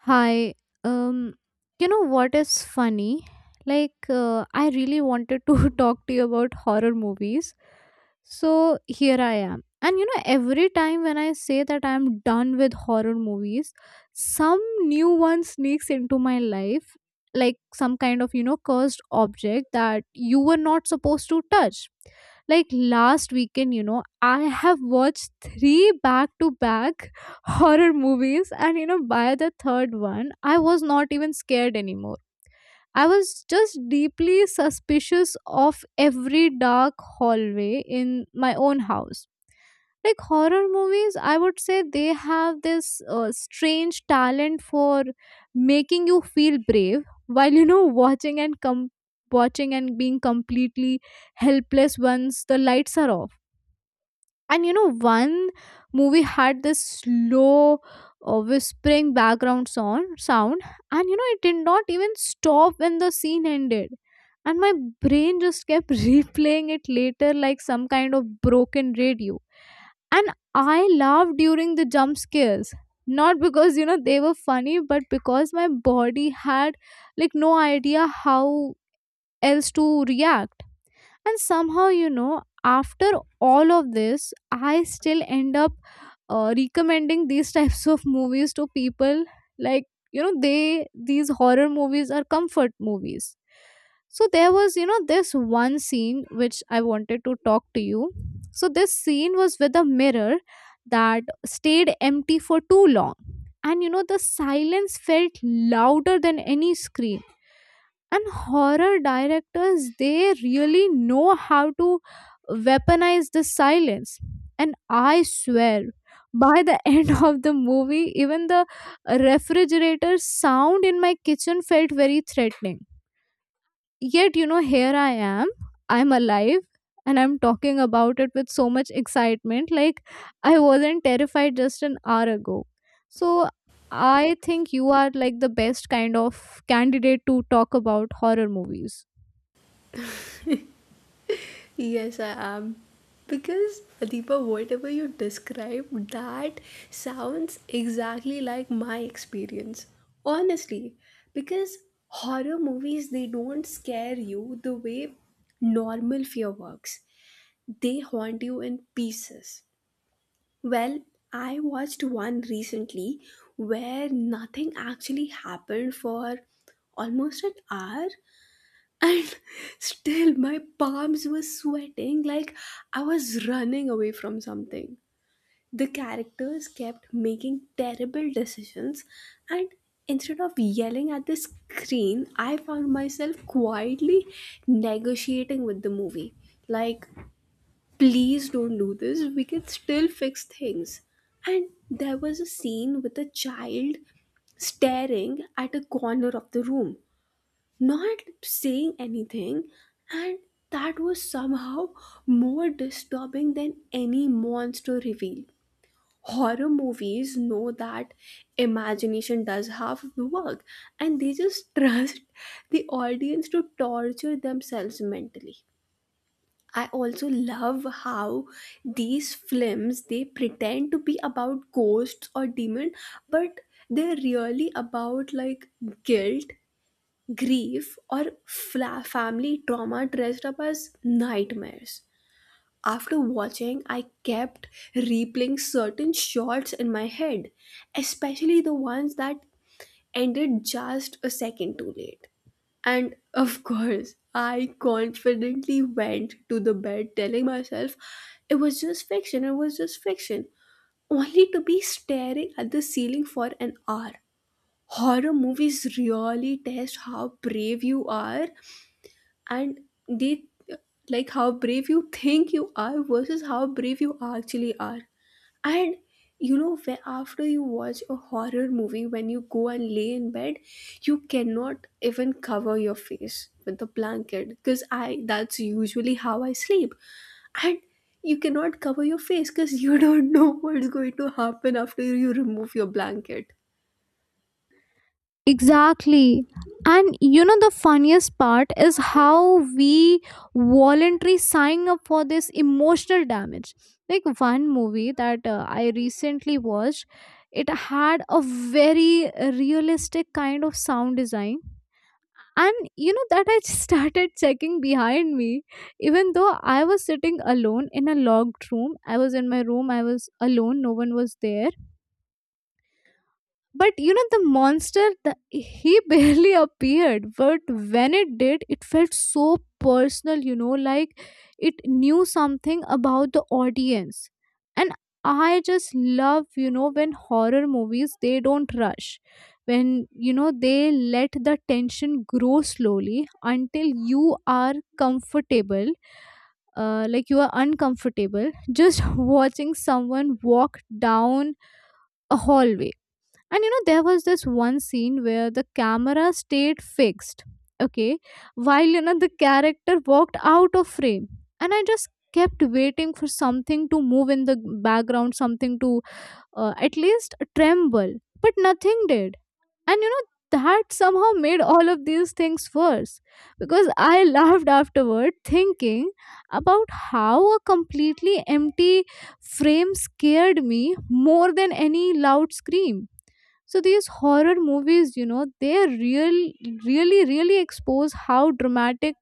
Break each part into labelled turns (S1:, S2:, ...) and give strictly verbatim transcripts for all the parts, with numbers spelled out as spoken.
S1: Hi. Um, you know what is funny? Like, uh, I really wanted to talk to you about horror movies. So here I am. And you know, every time when I say that I'm done with horror movies, some new one sneaks into my life, like some kind of, you know, cursed object that you were not supposed to touch. Like last weekend, you know, I have watched three back to back horror movies, and you know by the third one I was not even scared anymore. I was just deeply suspicious of every dark hallway in my own house. Like, horror movies, I would say, they have this uh, strange talent for making you feel brave while you know watching and com- watching and being completely helpless once the lights are off. And you know one movie had this slow uh, whispering background sound sound, and you know it did not even stop when the scene ended. And my brain just kept replaying it later, like some kind of broken radio. And I laughed during the jump scares, not because you know they were funny, but because my body had like no idea how else to react. And somehow, you know after all of this, I still end up uh, recommending these types of movies to people. Like, you know they these horror movies are comfort movies. So there was, you know this one scene which I wanted to talk to you. So this scene was with a mirror that stayed empty for too long, and you know the silence felt louder than any scream. And horror directors, they really know how to weaponize the silence. And I swear, by the end of the movie, even the refrigerator sound in my kitchen felt very threatening. Yet, you know, here I am, I'm alive, and I'm talking about it with so much excitement. Like, I wasn't terrified just an hour ago. So, I think you are like the best kind of candidate to talk about horror movies.
S2: Yes, I am. Because, Deepa, whatever you described, that sounds exactly like my experience. Honestly, because horror movies, they don't scare you the way normal fear works, they haunt you in pieces. Well, I watched one recently where nothing actually happened for almost an hour, and still my palms were sweating like I was running away from something. The characters kept making terrible decisions, and instead of yelling at the screen, I found myself quietly negotiating with the movie. Like, please don't do this, we can still fix things. And there was a scene with a child staring at a corner of the room, not saying anything, and that was somehow more disturbing than any monster reveal. Horror movies know that imagination does half of the work, and they just trust the audience to torture themselves mentally. I also love how these films, they pretend to be about ghosts or demon, but they're really about like guilt, grief, or fla- family trauma dressed up as nightmares. After watching, I kept replaying certain shots in my head, especially the ones that ended just a second too late. And of course, I confidently went to the bed telling myself it was just fiction, it was just fiction, only to be staring at the ceiling for an hour. Horror movies really test how brave you are, and they, like, how brave you think you are versus how brave you actually are. And you know, where after you watch a horror movie, when you go and lay in bed, you cannot even cover your face with the blanket because I that's usually how I sleep. And you cannot cover your face because you don't know what's going to happen after you remove your blanket.
S1: Exactly. And you know, the funniest part is how we voluntarily sign up for this emotional damage. Like one movie that uh, I recently watched, it had a very realistic kind of sound design. And you know, that I started checking behind me, even though I was sitting alone in a locked room. I was in my room, I was alone, no one was there. But you know, the monster, the, he barely appeared. But when it did, it felt so personal, you know, like it knew something about the audience. And I just love, you know, when horror movies, they don't rush. When, you know, they let the tension grow slowly until you are comfortable, uh, like you are uncomfortable just watching someone walk down a hallway. And you know, there was this one scene where the camera stayed fixed, okay, while you know the character walked out of frame. And I just kept waiting for something to move in the background, something to uh, at least tremble, but nothing did. And you know that somehow made all of these things worse, because I laughed afterward thinking about how a completely empty frame scared me more than any loud scream. So these horror movies, you know they real really really expose how dramatic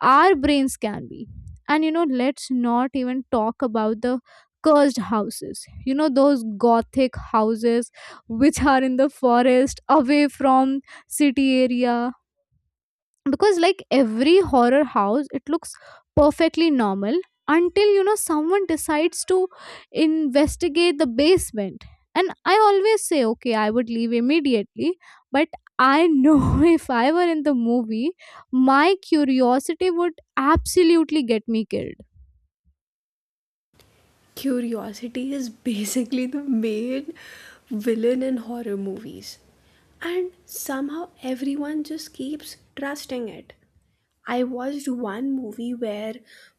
S1: our brains can be. And you know let's not even talk about the cursed houses, you know those gothic houses which are in the forest, away from city area. Because like every horror house, it looks perfectly normal until you know someone decides to investigate the basement. And I always say, okay, I would leave immediately, but I know, if I were in the movie, my curiosity would absolutely get me killed.
S2: Curiosity is basically the main villain in horror movies. And somehow everyone just keeps trusting it. I watched one movie where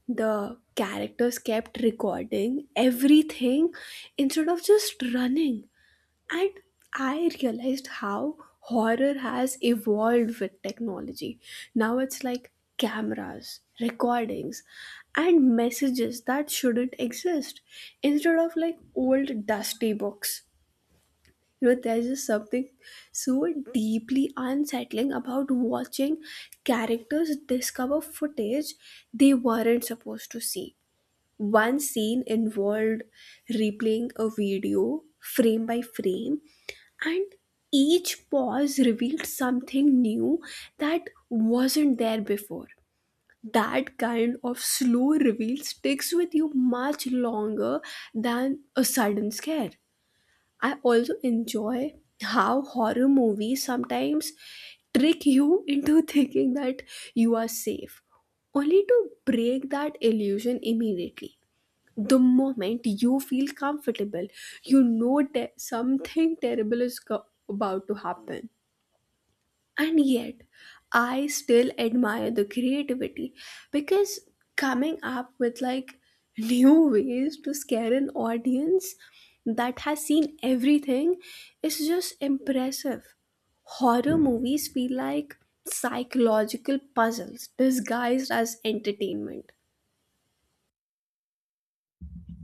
S2: the characters kept recording everything instead of just running. And I realized how horror has evolved with technology. Now it's like cameras, recordings, and messages that shouldn't exist instead of like old dusty books. You know, there's just something so deeply unsettling about watching characters discover footage they weren't supposed to see. One scene involved replaying a video frame by frame, and each pause revealed something new that wasn't there before. That kind of slow reveal sticks with you much longer than a sudden scare. I also enjoy how horror movies sometimes trick you into thinking that you are safe, only to break that illusion immediately. The moment you feel comfortable, you know that something terrible is co- about to happen. And yet I still admire the creativity, because coming up with like new ways to scare an audience that has seen everything is just impressive. Horror movies feel like psychological puzzles disguised as entertainment.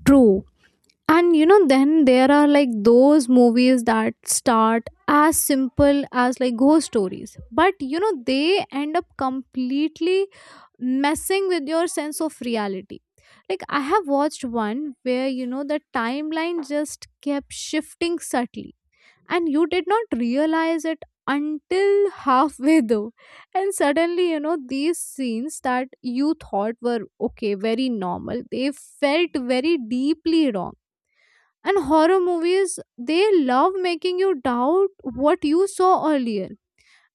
S1: True. And you know then there are like those movies that start as simple as like ghost stories, but you know they end up completely messing with your sense of reality. Like, I have watched one where you know the timeline just kept shifting subtly, and you did not realize it until halfway though. And suddenly, you know these scenes that you thought were okay, very normal, they felt very deeply wrong. And horror movies, they love making you doubt what you saw earlier.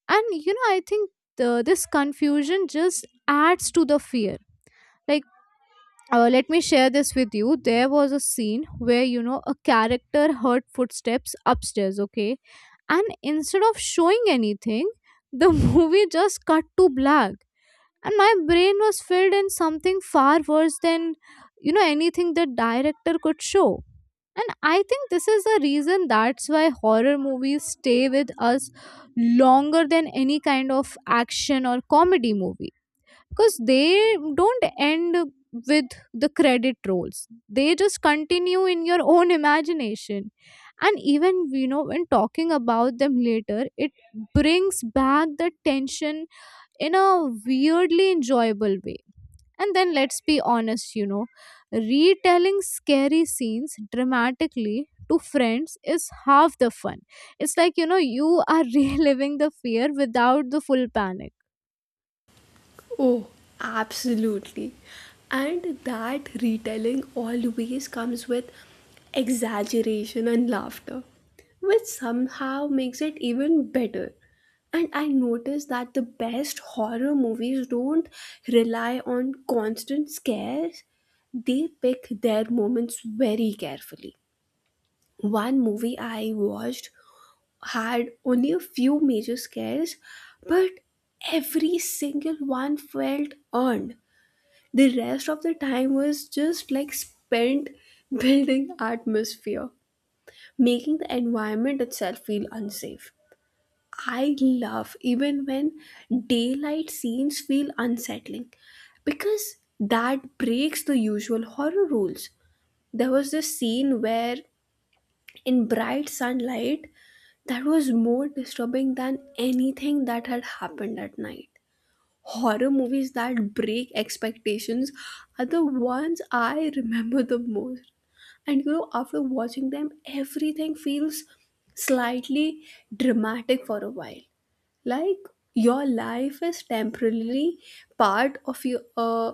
S1: And you know I think the, this confusion just adds to the fear. Like, uh, let me share this with you. There was a scene where you know a character heard footsteps upstairs, okay, and instead of showing anything, the movie just cut to black, and my brain was filled in something far worse than you know anything the director could show. And I think this is the reason, that's why horror movies stay with us longer than any kind of action or comedy movie. Because they don't end with the credit rolls, they just continue in your own imagination. And even, you know when talking about them later, it brings back the tension in a weirdly enjoyable way. And then let's be honest, you know retelling scary scenes dramatically to friends is half the fun. It's like, you know you are reliving the fear without the full panic.
S2: Oh, absolutely. And that retelling always comes with exaggeration and laughter, which somehow makes it even better. And I noticed that the best horror movies don't rely on constant scares, they pick their moments very carefully. One movie I watched had only a few major scares, but every single one felt earned. The rest of the time was just like spent building atmosphere, making the environment itself feel unsafe. I love even when daylight scenes feel unsettling, because that breaks the usual horror rules. There was this scene where, in bright sunlight, that was more disturbing than anything that had happened at night. Horror movies that break expectations are the ones I remember the most. And you know, after watching them, everything feels slightly dramatic for a while. Like your life is temporarily part of your uh,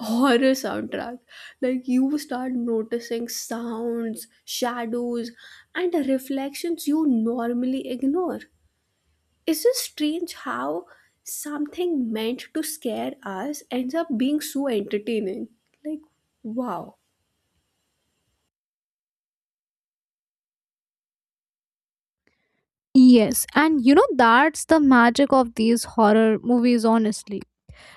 S2: horror soundtrack. Like you start noticing sounds, shadows, and reflections you normally ignore. It's just strange how something meant to scare us ends up being so entertaining. Like, wow.
S1: Yes, and you know that's the magic of these horror movies, honestly.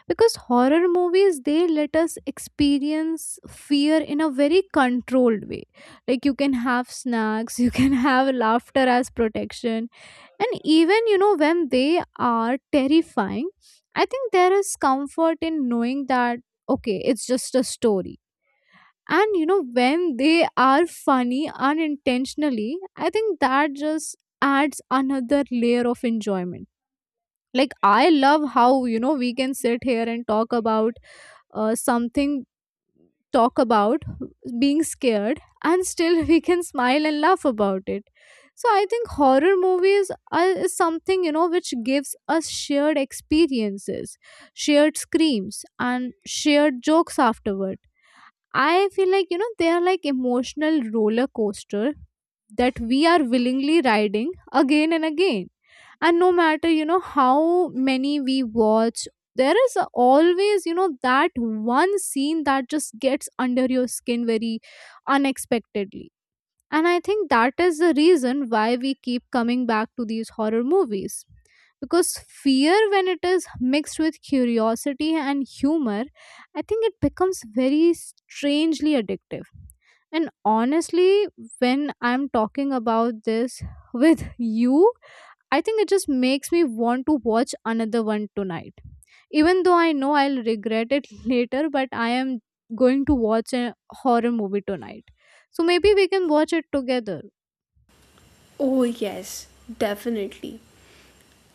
S1: Because horror movies, they let us experience fear in a very controlled way. Like, you can have snacks, you can have laughter as protection, and even, you know when they are terrifying, I think there is comfort in knowing that, okay, it's just a story. And you know when they are funny unintentionally, I think that just adds another layer of enjoyment. Like, I love how you know we can sit here and talk about uh, something, talk about being scared, and still we can smile and laugh about it. So I think horror movies are is something, you know which gives us shared experiences, shared screams, and shared jokes afterward. I feel like, you know, they are like emotional roller coaster that we are willingly riding again and again. And no matter, you know, how many we watch, there is a- always, you know, that one scene that just gets under your skin very unexpectedly. And I think that is the reason why we keep coming back to these horror movies. Because fear, when it is mixed with curiosity and humor, I think it becomes very strangely addictive. And honestly, when I'm talking about this with you, I think it just makes me want to watch another one tonight, even though I know I'll regret it later, but I am going to watch a horror movie tonight. So maybe we can watch it together.
S2: Oh, yes, definitely.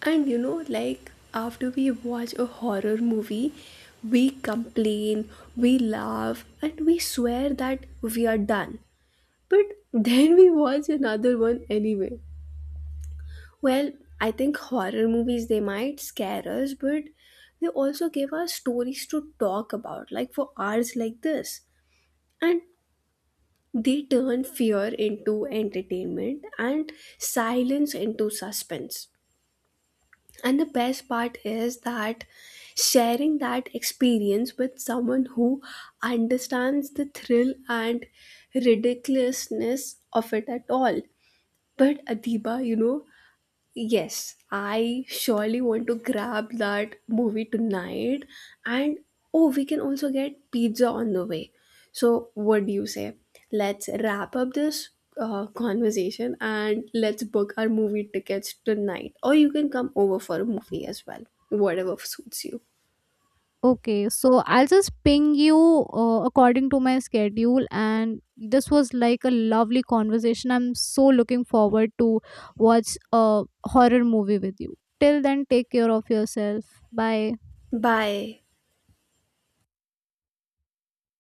S2: And you know, like, after we watch a horror movie, we complain, we laugh, and we swear that we are done. But then we watch another one anyway. Well, I think horror movies, they might scare us, but they also give us stories to talk about, like for hours like this. And they turn fear into entertainment and silence into suspense. And the best part is that sharing that experience with someone who understands the thrill and ridiculousness of it at all. But Adiba, you know, yes, I surely want to grab that movie tonight. And oh, we can also get pizza on the way. So, what do you say? Let's wrap up this uh, conversation and let's book our movie tickets tonight. Or you can come over for a movie as well, whatever suits you.
S1: Okay, so I'll just ping you uh, according to my schedule, and this was like a lovely conversation. I'm so looking forward to watch a horror movie with you. Till then, take care of yourself. Bye.
S2: Bye.